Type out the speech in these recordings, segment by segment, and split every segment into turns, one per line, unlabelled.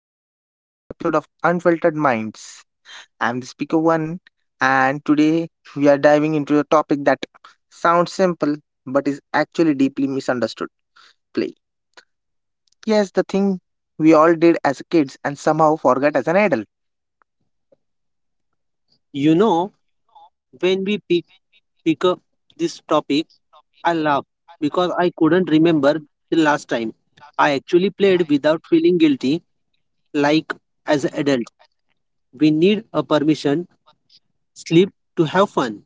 back to another episode of Unfiltered Minds. I'm the speaker one, and today we are diving into a topic that sounds simple but is actually deeply misunderstood play. Yes, the thing we all did as kids and somehow forgot as an adult.
You know, when we pick up this topic, I laugh because I couldn't remember the last time I actually played without feeling guilty. Like as an adult, we need a permission slip to have fun.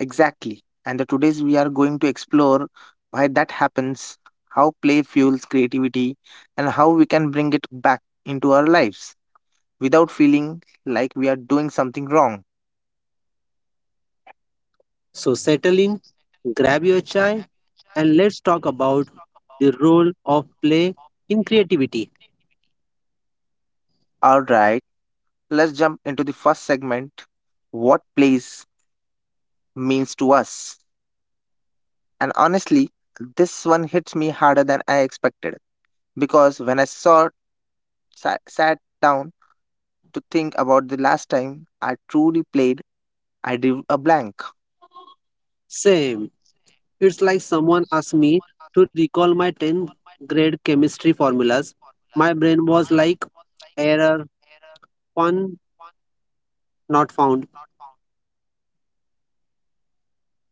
Exactly. And the today's we are going to explore why that happens, how play fuels creativity, and how we can bring it back into our lives without feeling like we are doing something wrong.
So settle in, grab your chai, and let's talk about the role of play in creativity.
All right, let's jump into the first segment what plays means to us. And honestly, this one hits me harder than I expected because when I saw sat down to think about the last time I truly played I drew a blank.
Same. It's like someone asked me to recall my 10th grade chemistry formulas. My brain was like, error, fun not found.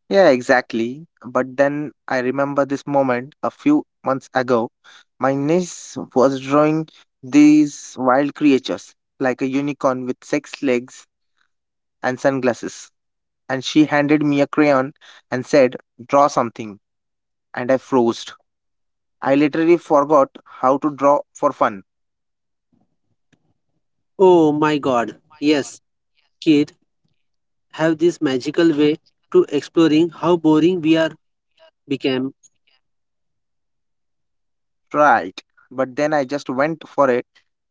Yeah, exactly. But then I remember this moment a few months ago. My niece was drawing these wild creatures, like a unicorn with six legs and sunglasses, and she handed me a crayon and said, "Draw something." And I froze. I literally forgot how to draw for fun.
Oh my god.
Oh my God.
Yes, kid have this
Yes, kids have
magical way
this magical
to
way
exploring how
of
boring
exploring
we are
how boring we
became.
are became. Right. But then I just went for it.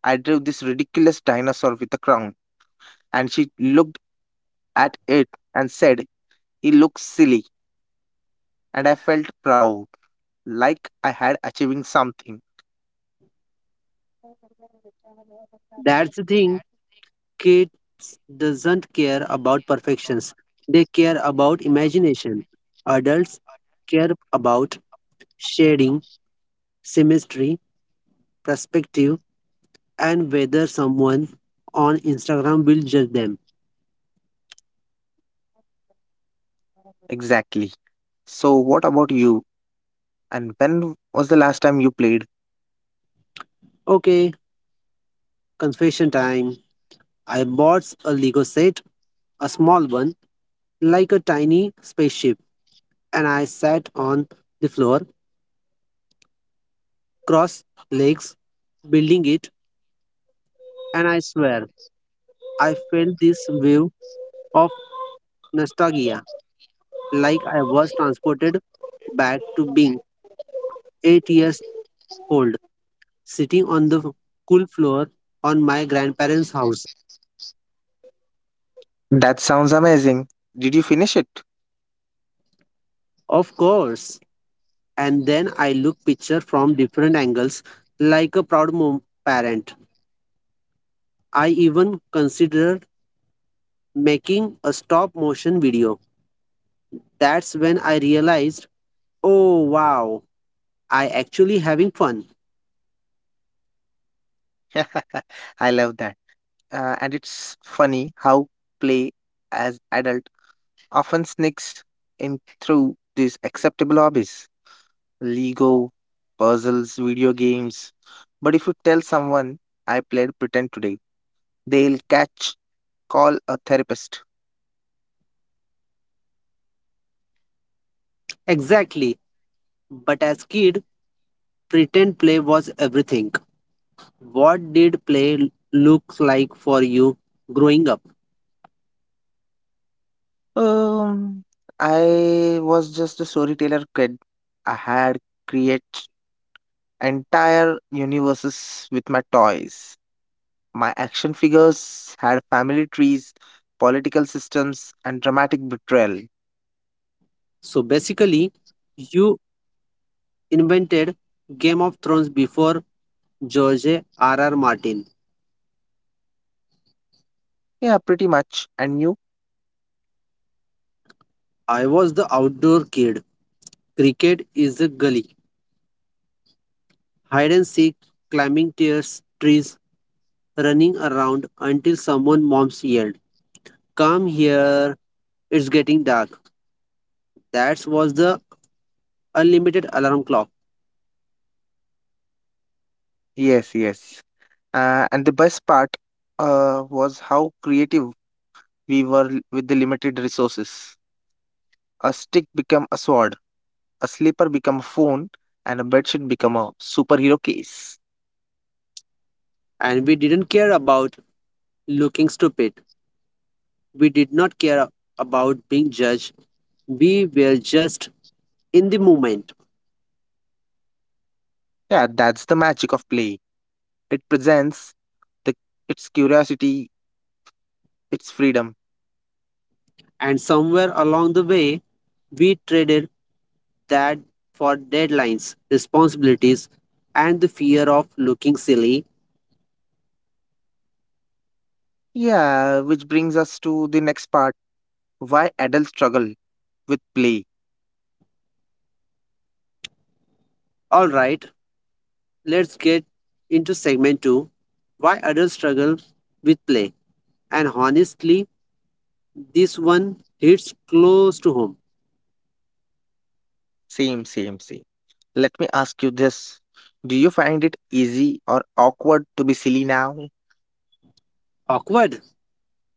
I drew this ridiculous dinosaur with a crown, and she looked at it and said, "He looks silly." And I felt proud, like I had achieving something.
That's the thing. Kids doesn't care about perfections. They care about imagination. Adults care about shading, symmetry, perspective, and whether someone on Instagram will judge them.
Exactly. So, what about you? And when was the last time you played?
Okay, confession time. I bought a Lego set, a small one, like a tiny spaceship, and I sat on the floor, cross legs, building it, and I swear I felt this wave of nostalgia, like I was transported back to being 8 years old, sitting on the cool floor on my grandparents' house.
That sounds amazing. Did you finish it?
Of course. And then I look picture from different angles, like a proud parent. I even considered making a stop motion video. That's when I realized, oh wow, I actually having fun.
I love that. And it's funny how play as adult often sneaks in through these acceptable hobbies. Lego, puzzles, video games. But if you tell someone I played pretend today, they'll catch call a therapist.
Exactly. But as kid, pretend play was everything. What did play look like for you growing up?
Um I was just a storyteller kid. I had create entire universes with my toys. My action figures had family trees, political systems, and dramatic betrayal.
So basically, you invented Game of Thrones before George R. R. Martin.
Yeah, pretty much. And you?
I was the outdoor kid. Cricket is a gully. Hide and seek, climbing tears, trees, running around until someone moms yelled, come here, it's getting dark. That was the unlimited alarm clock.
Yes, yes. And the best part was how creative we were with the limited resources. A stick became a sword, a slipper became a phone, and a bedsheet became a superhero case.
And we didn't care about looking stupid. We did not care about being judged. We were just in the moment.
Yeah, that's the magic of play. It presents the its curiosity, its freedom.
And somewhere along the way, we traded that for deadlines, responsibilities, and the fear of looking silly.
Yeah, which brings us to the next part. Why adults struggle with play?
All right, let's get into segment two, why adults struggle with play. And honestly, this one hits close to home.
Same, same, same. Let me ask you this. Do you find it easy or awkward to be silly now?
Awkward.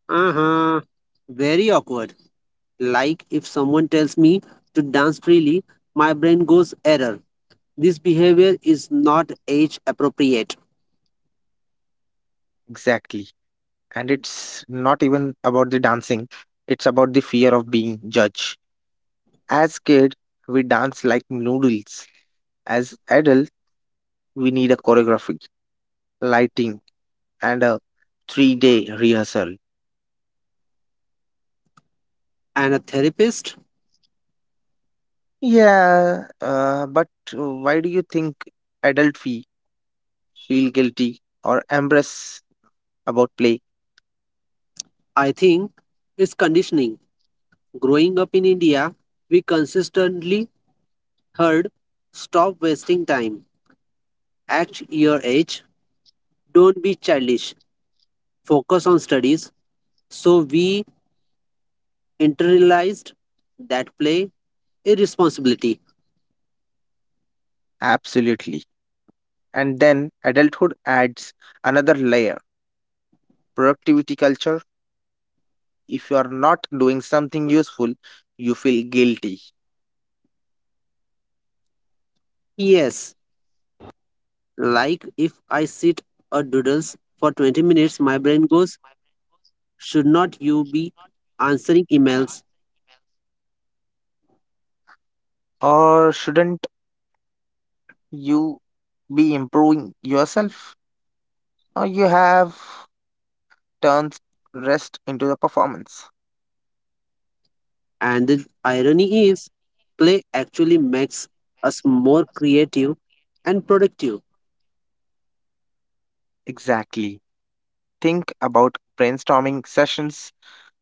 Uh huh. Very awkward. Like if someone tells me to dance freely, my brain goes error. This behavior is not age appropriate.
Exactly. And it's not even about the dancing, it's about the fear of being judged. As kid, we dance like noodles. As adults, we need a choreography, lighting, and a three-day rehearsal.
And a therapist,
Yeah, but why do you think adult feel guilty, or embarrassed about play?
I think, is conditioning. Growing up in India, we consistently heard stop wasting time, act your age, don't be childish, focus on studies. So we internalized that play irresponsibility.
Absolutely. And then adulthood adds another layer productivity culture. If you are not doing something useful, you feel guilty.
Yes, like if I sit a doodles for 20 minutes, my brain goes, should not you be answering emails?
Or shouldn't you be improving yourself? Or you have turned rest into the performance.
And the irony is, play actually makes us more creative and productive.
Exactly. Think about brainstorming sessions.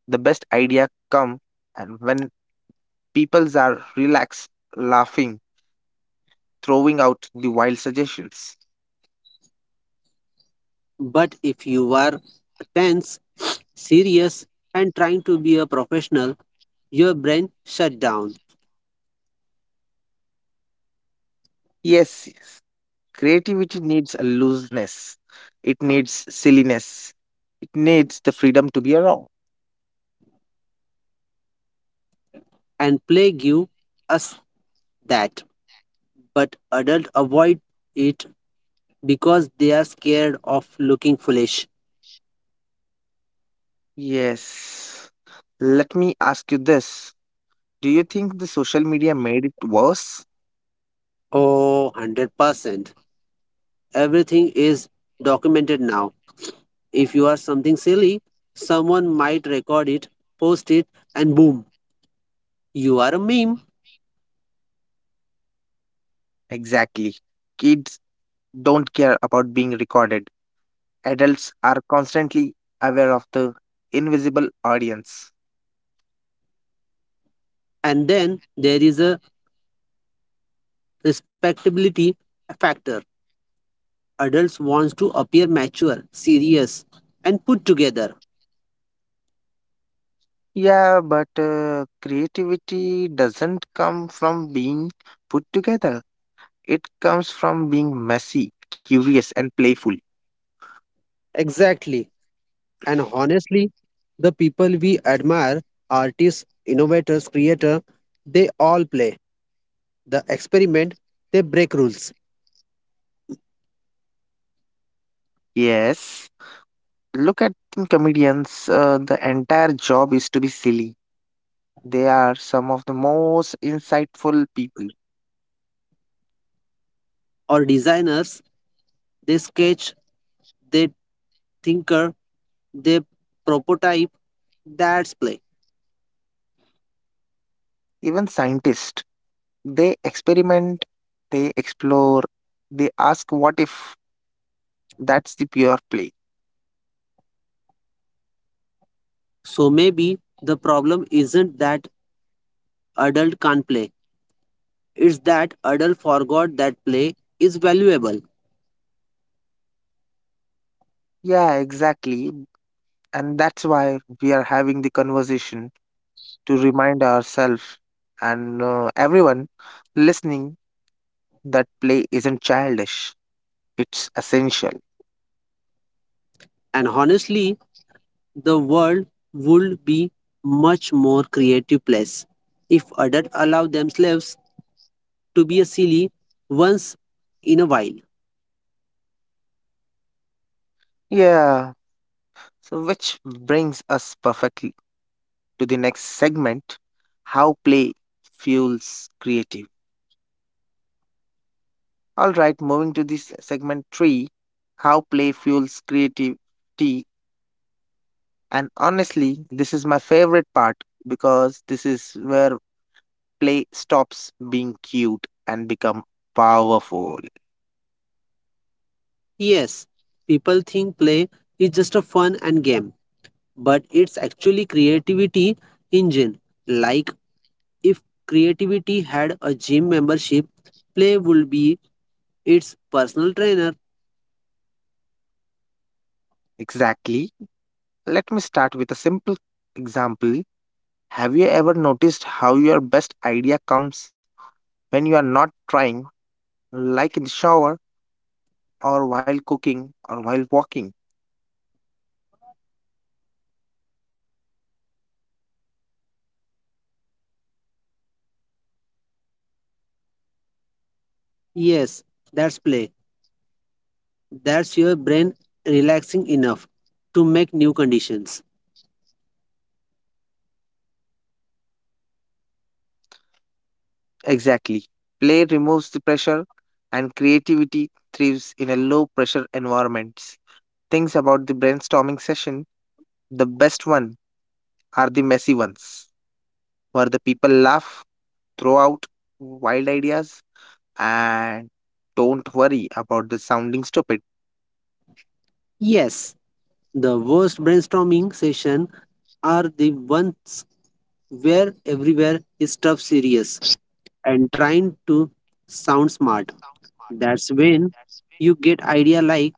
The best idea come and when Peoples are relaxed, laughing, throwing out the wild suggestions.
But if you are tense, serious, and trying to be a professional, your brain shut down,
Yes, yes. Creativity needs a looseness, it needs silliness, it needs the freedom to be wrong.
and play give us that, but adults avoid it because they are scared of looking foolish.
Yes. Let me ask you this. Do you think the social media made it worse?
Oh, 100%. Everything is documented now. If you are something silly, someone might record it, post it, and boom, you are a meme.
Exactly. Kids don't care about being recorded, adults are constantly aware of the invisible audience.
And then there is a respectability factor. Adults want to appear mature, serious, and put together.
Yeah, but creativity doesn't come from being put together. It comes from being messy, curious, and playful.
Exactly. And honestly, the people we admire, artists, innovators, creators, they all play the experiment, they break rules,
Yes. Look at comedians. The entire job is to be silly. They are some of the most insightful people.
or designers. They sketch, they thinker, they prototype, that's play.
Even scientists. They experiment, they explore, they ask what if. That's the pure play.
So maybe the problem isn't that adult can't play, it's that adult forgot that play is valuable.
Yeah, exactly. And that's why we are having the conversation to remind ourselves and everyone listening that play isn't childish, it's essential.
And honestly, the world would be much more creative place if adult allow themselves to be a silly once in a while.
Yeah, so which brings us perfectly to the next segment how play fuels creative. All right, moving to this segment three how play fuels creativity. And honestly, this is my favorite part because this is where play stops being cute and become powerful.
Yes, people think play is just a fun and game, but it's actually creativity engine. Like if creativity had a gym membership, play would be its personal trainer.
Exactly. Let me start with a simple example. Have you ever noticed how your best idea comes when you are not trying, like in the shower, or while cooking, or while walking?
Yes, that's play. That's your brain relaxing enough to make new conditions.
Exactly. Play removes the pressure, and creativity thrives in a low pressure environments. Things about the brainstorming session, the best one are the messy ones, where the people laugh, throw out wild ideas, and don't worry about the sounding stupid.
Yes, the worst brainstorming session are the ones where everywhere is stuff serious and trying to sound smart. That's when you get idea like,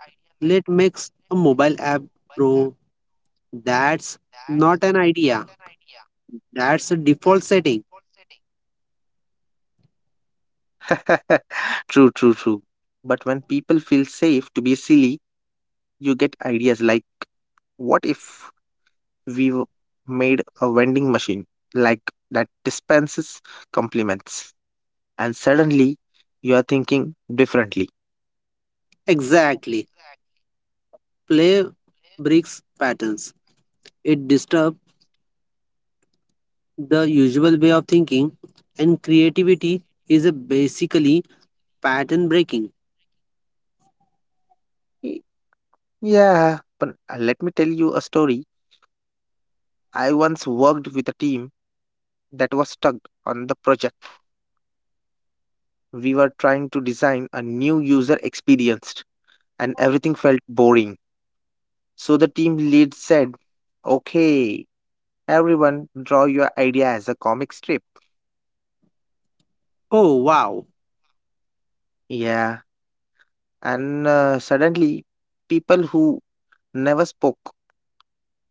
let makes a mobile app, bro. That's not an idea. That's a default setting.
True, true, true. But when people feel safe to be silly, you get ideas like, what if we w- made a vending machine like that dispenses compliments? And suddenly you are thinking differently.
Exactly. Play breaks patterns. It disturbs the usual way of thinking, and creativity is a basically pattern breaking.
Y- Yeah, but let me tell you a story. I once worked with a team that was stuck on the project. We were trying to design a new user experience, and everything felt boring. So the team lead said, "Okay, everyone, draw your idea as a comic strip."
Oh, wow,
Yeah, and suddenly, people who never spoke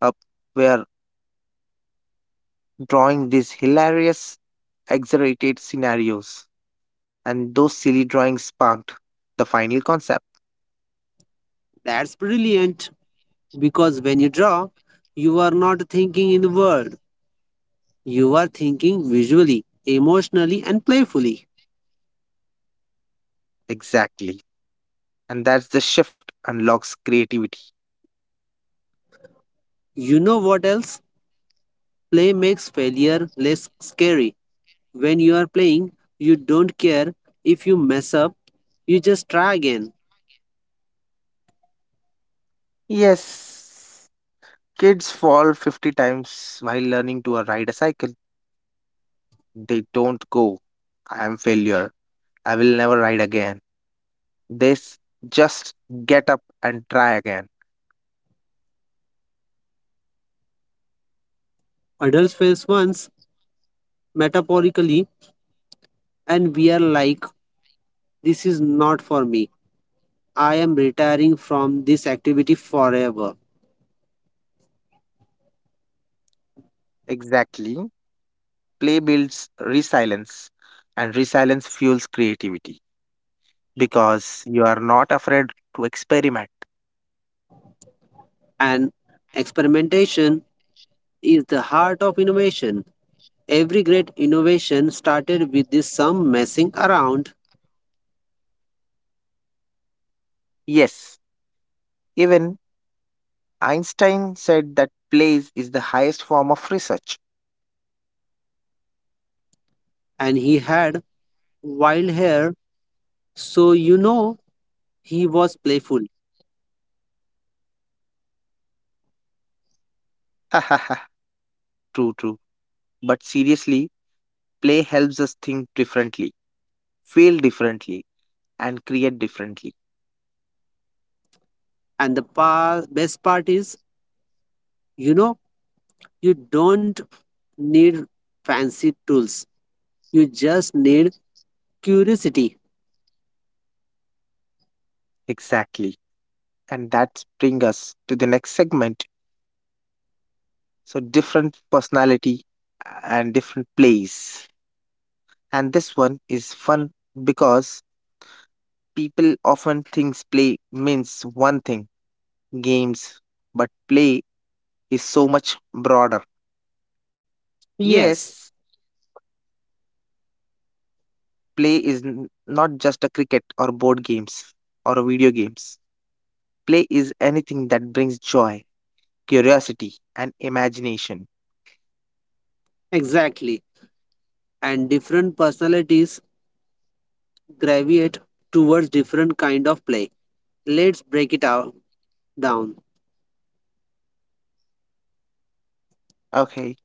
up were drawing these hilarious, exaggerated scenarios, and those silly drawings sparked the final concept.
that's brilliant. Because when you draw, you are not thinking in the world, you are thinking visually, emotionally, and playfully.
Exactly. And that's the shift unlocks creativity.
You know what else? Play makes failure less scary. When you are playing, you don't care if you mess up, you just try again.
Yes, kids fall 50 times while learning to ride a cycle. They don't go, I am failure. I will never ride again. This just get up and try again.
Adults fail once, metaphorically, and we are like, this is not for me. I am retiring from this activity forever.
Exactly. Play builds resilience, and resilience fuels creativity because you are not afraid to experiment.
And experimentation is the heart of innovation. Every great innovation started with this some messing around,
Yes, even Einstein said that play is the highest form of research.
and he had wild hair, so you know he was playful.
True, true. But seriously, play helps us think differently, feel differently, and create differently.
And the best part is, you know, you don't need fancy tools, you just need curiosity.
Exactly. And that brings us to the next segment. So different personality and different plays. And this one is fun because people often thinks play means one thing, games, but play is so much broader.
Yes,
Yes, play is not just a cricket or board games or a video games. Play is anything that brings joy, curiosity and imagination.
exactly. And different personalities gravitate towards different kind of play. Let's break it out down.
Okay.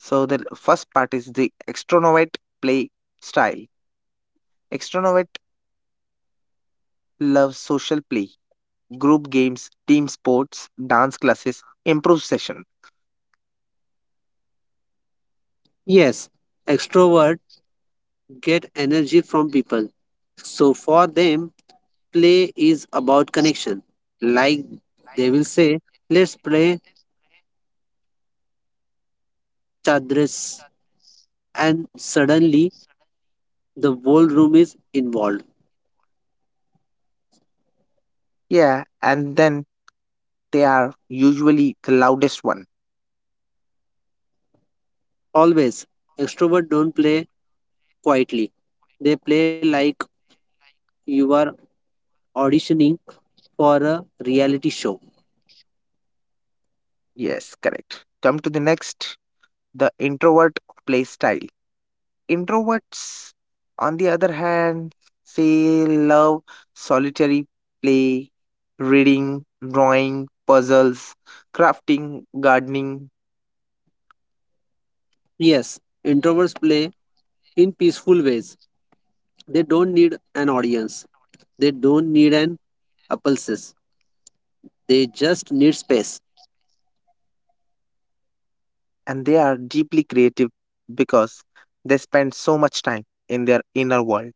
So the first part is the extrovert play style. Extrovert loves social play group games, team sports, dance classes, improv session.
Yes, extrovert get energy from people. So for them, play is about connection. Like they will say, let's play chadris. And suddenly the whole room is involved.
Yeah, and then they are usually the loudest one.
Always. Extrovert don't play quietly. They play like you are auditioning for a reality show.
Yes, correct. Come to the next, the introvert play style. Introverts, on the other hand, say love solitary play, reading, drawing, puzzles, crafting, gardening,
Yes, introverts play in peaceful ways. They don't need an audience. They don't need an appulses. They just need space.
and they are deeply creative because they spend so much time in their inner world.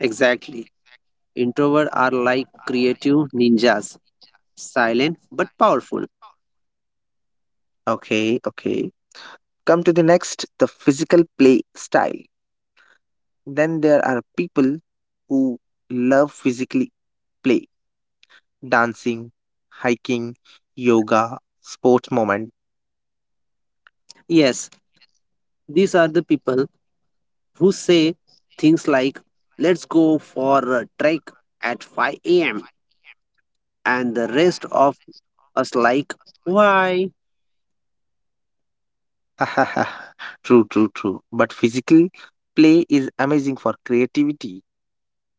Exactly. Introverts are like creative ninjas, silent but powerful.
Okay, okay. Come to the next, the physical play style. Then there are people who love physically play, dancing, hiking, yoga, sports moment.
Yes, these are the people who say things like, let's go for a trek at 5 a.m., and the rest of us like, why?
True, true, true. But physical play is amazing for creativity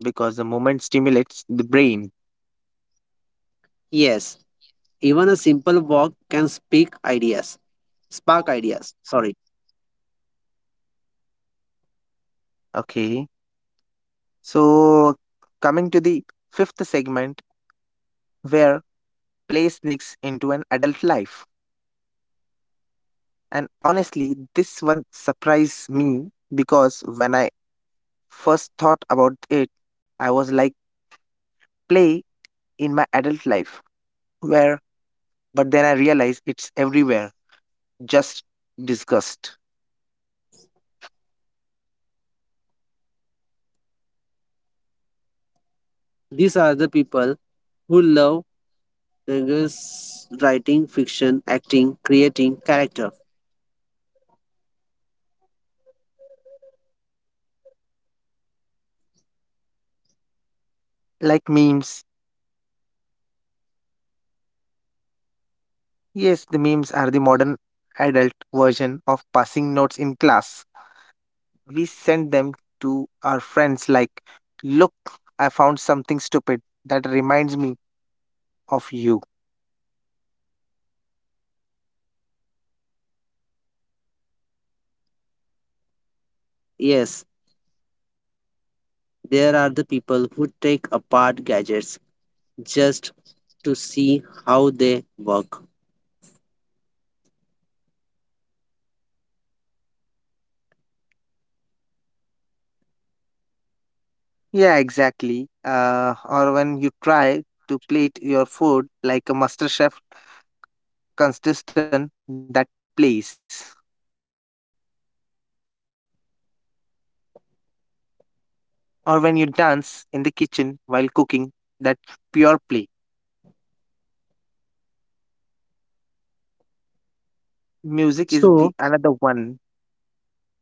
because the moment stimulates the brain.
Yes, even a simple walk can speak ideas, spark ideas. Sorry.
Okay. So coming to the fifth segment where play sneaks into an adult life. And honestly, this one surprised me because when I first thought about it, I was like, play in my adult life. Where, but then I realized it's everywhere, just disgust.
These are the people who love language, writing, fiction, acting, creating character.
Like memes. Yes, the memes are the modern adult version of passing notes in class. We send them to our friends like, look, I found something stupid that reminds me of you.
Yes, there are the people who take apart gadgets just to see how they work.
Yeah, exactly. Or when you try to plate your food like a master chef consistent that plays. Or when you dance in the kitchen while cooking that pure play. Music is
So,
the another one.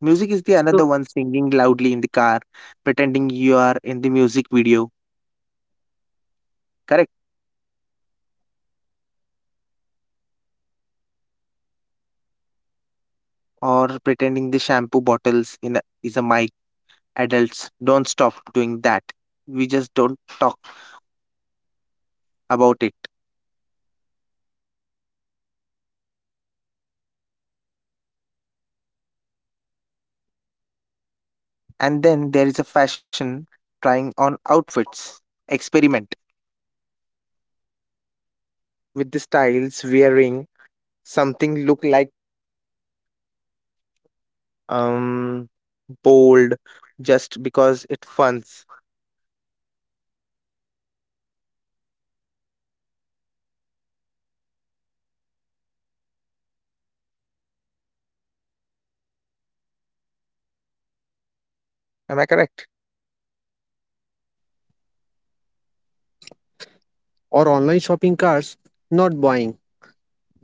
Music is the
so,
another one singing loudly in the car, pretending you are in the music video, correct? Or pretending the shampoo bottles in a, is a mic. Adults, don't stop doing that. We just don't talk about it. And then there is a fashion trying on outfits. Experiment with the styles wearing something look like um bold just because it funs. Am I correct?
or online shopping carts, not buying,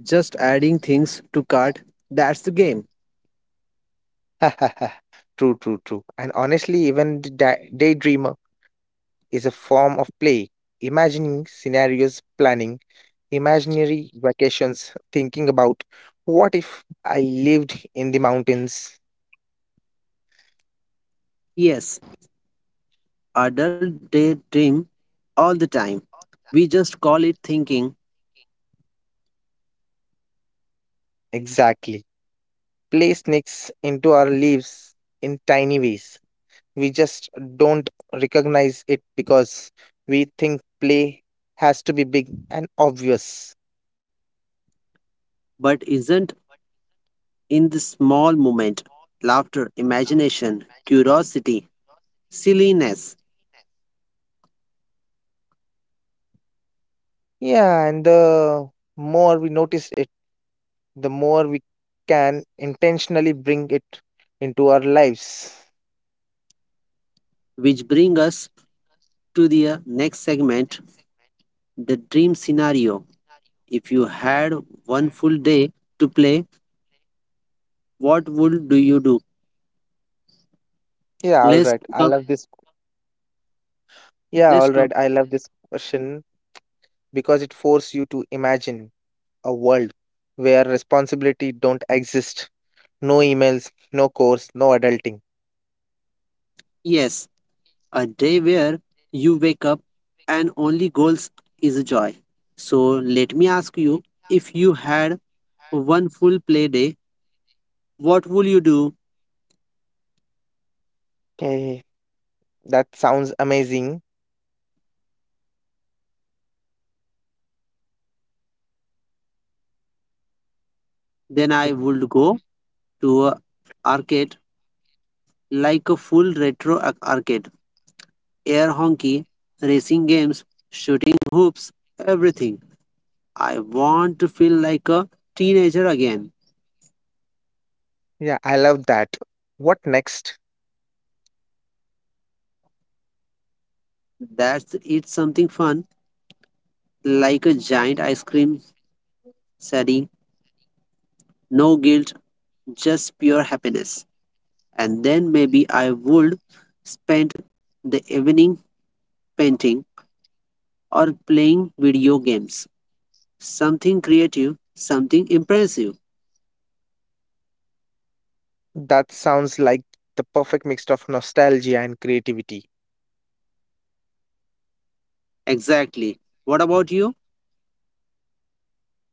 just adding things to cart. That's the game.
True, true, true. And honestly, even the daydreamer is a form of play. Imagining scenarios, planning imaginary vacations, thinking about what if I lived in the mountains?
Yes, adult daydream all the time. We just call it thinking,
Exactly. Play sneaks into our lives in tiny ways. We just don't recognize it because we think play has to be big and obvious.
but isn't in the small moment. Laughter, imagination, curiosity, silliness,
Yeah, and the more we notice it, the more we can intentionally bring it into our lives.
which bring us to the next segment, the dream scenario. If you had one full day to play, what would do you do?
Yeah, all
Let's
right. I
come.
love this. Yeah, all
Let's
right.
come.
I love this question because it forces you to imagine a world where responsibility don't exist. No emails, no course, no adulting.
Yes, a day where you wake up and only goals is joy. So let me ask you: if you had one full play day, what would you do?
Okay, that sounds amazing.
Then
The-
I would go to a arcade, like a full retro arcade, air hockey, racing games, shooting hoops, everything. I want to feel like a teenager again.
Yeah, I love that. What next?
That's it's something fun, like a giant ice cream setting, no guilt, just pure happiness. And then maybe I would spend the evening painting or playing video games. Something creative, something impressive.
That sounds like the perfect mix of nostalgia and creativity.
Exactly. What about you?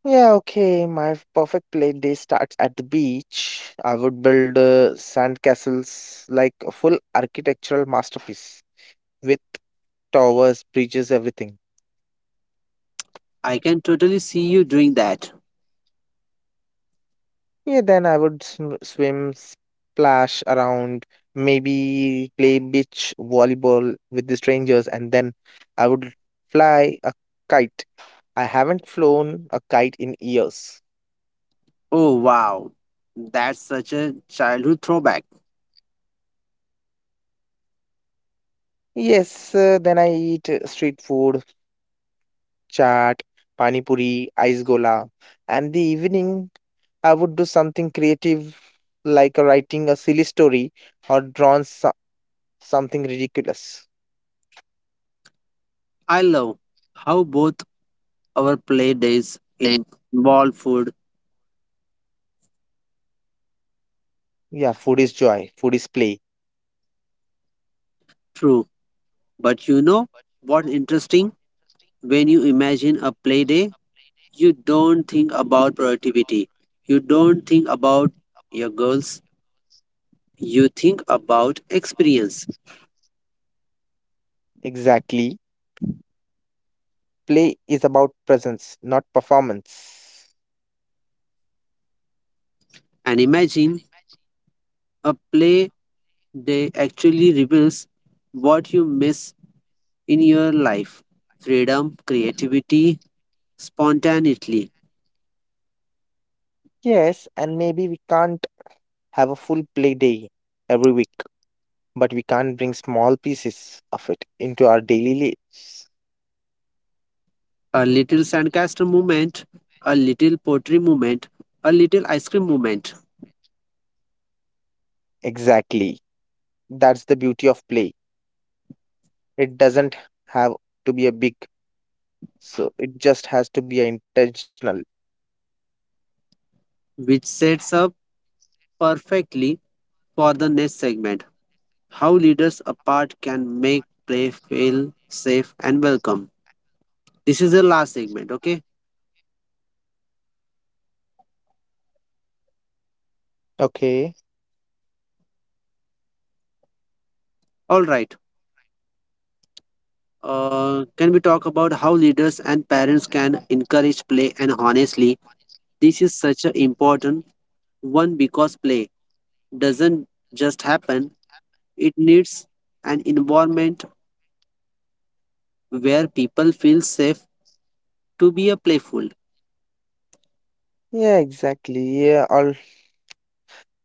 Yeah, okay, my perfect play day starts at the beach. I would build sand castles like a full architectural masterpiece with towers, bridges, everything.
I can totally see you doing that.
Yeah, then I would swim, splash around, maybe play beach volleyball with the strangers, and then I would fly a kite. I haven't flown a kite in years.
Oh, wow. That's such a childhood throwback.
Yes, then I eat street food, chaat, pani puri, ice gola, and the evening I would do something creative, like writing a silly story or drawing something ridiculous.
I love how both our play days involve food,
Yeah, food is joy, food is play.
true. But you know what? Interesting? When you imagine a play day, you don't think about productivity. You don't think about your goals. You think about experience.
Exactly. Play is about presence, not performance.
And imagine a play day actually reveals what you miss in your life, freedom, creativity, spontaneously.
Yes, and maybe we can't have a full play day every week, but we can bring small pieces of it into our daily lives.
A little sandcastle movement, a little pottery movement, a little ice cream movement,
Exactly. That's the beauty of play. It doesn't have to be a big, so it just has to be a intentional.
which sets up perfectly for the next segment, how leaders apart can make play feel safe and welcome. This is the last segment, okay?
Okay.
All right. Can we talk about how leaders and parents can encourage play? And honestly, this is such an important one because play doesn't just happen, it needs an environment where people feel safe to be a playful.
Yeah, exactly. Yeah, all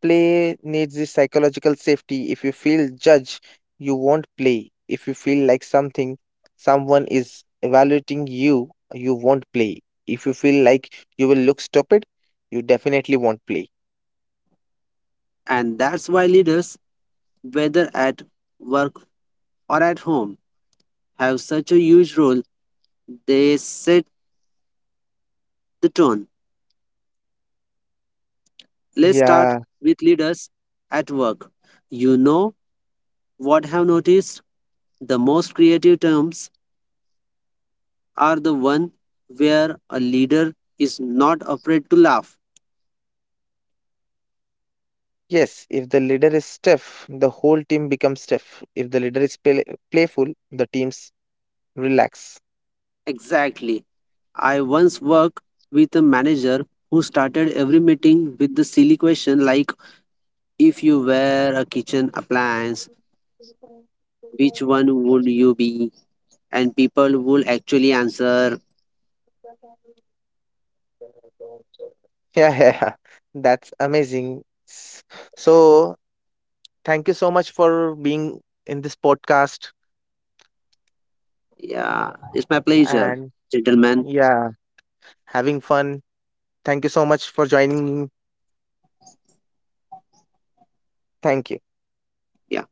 Play needs the psychological safety. If you feel judged, you won't play. If you feel like something, someone is evaluating you, you won't play. If you feel like you will look stupid, you definitely won't play.
And that's why leaders, whether at work or at home, have such a huge role. They set the tone. Let's start
Yeah,
with leaders at work. You know what I have noticed? The most creative terms are the one where a leader is not afraid to laugh.
yes. If the leader is stiff, the whole team becomes stiff. If the leader is playful, the teams relax.
Exactly. I once worked with a manager who started every meeting with the silly question like, if you were a kitchen appliance, which one would you be? And people would actually answer,
Yeah, yeah, yeah. That's amazing. S- So, thank you so much for being in this podcast
yeah, it's my pleasure,
and
gentlemen.
Yeah, having fun. Thank you so much for joining me. Thank you.
Yeah.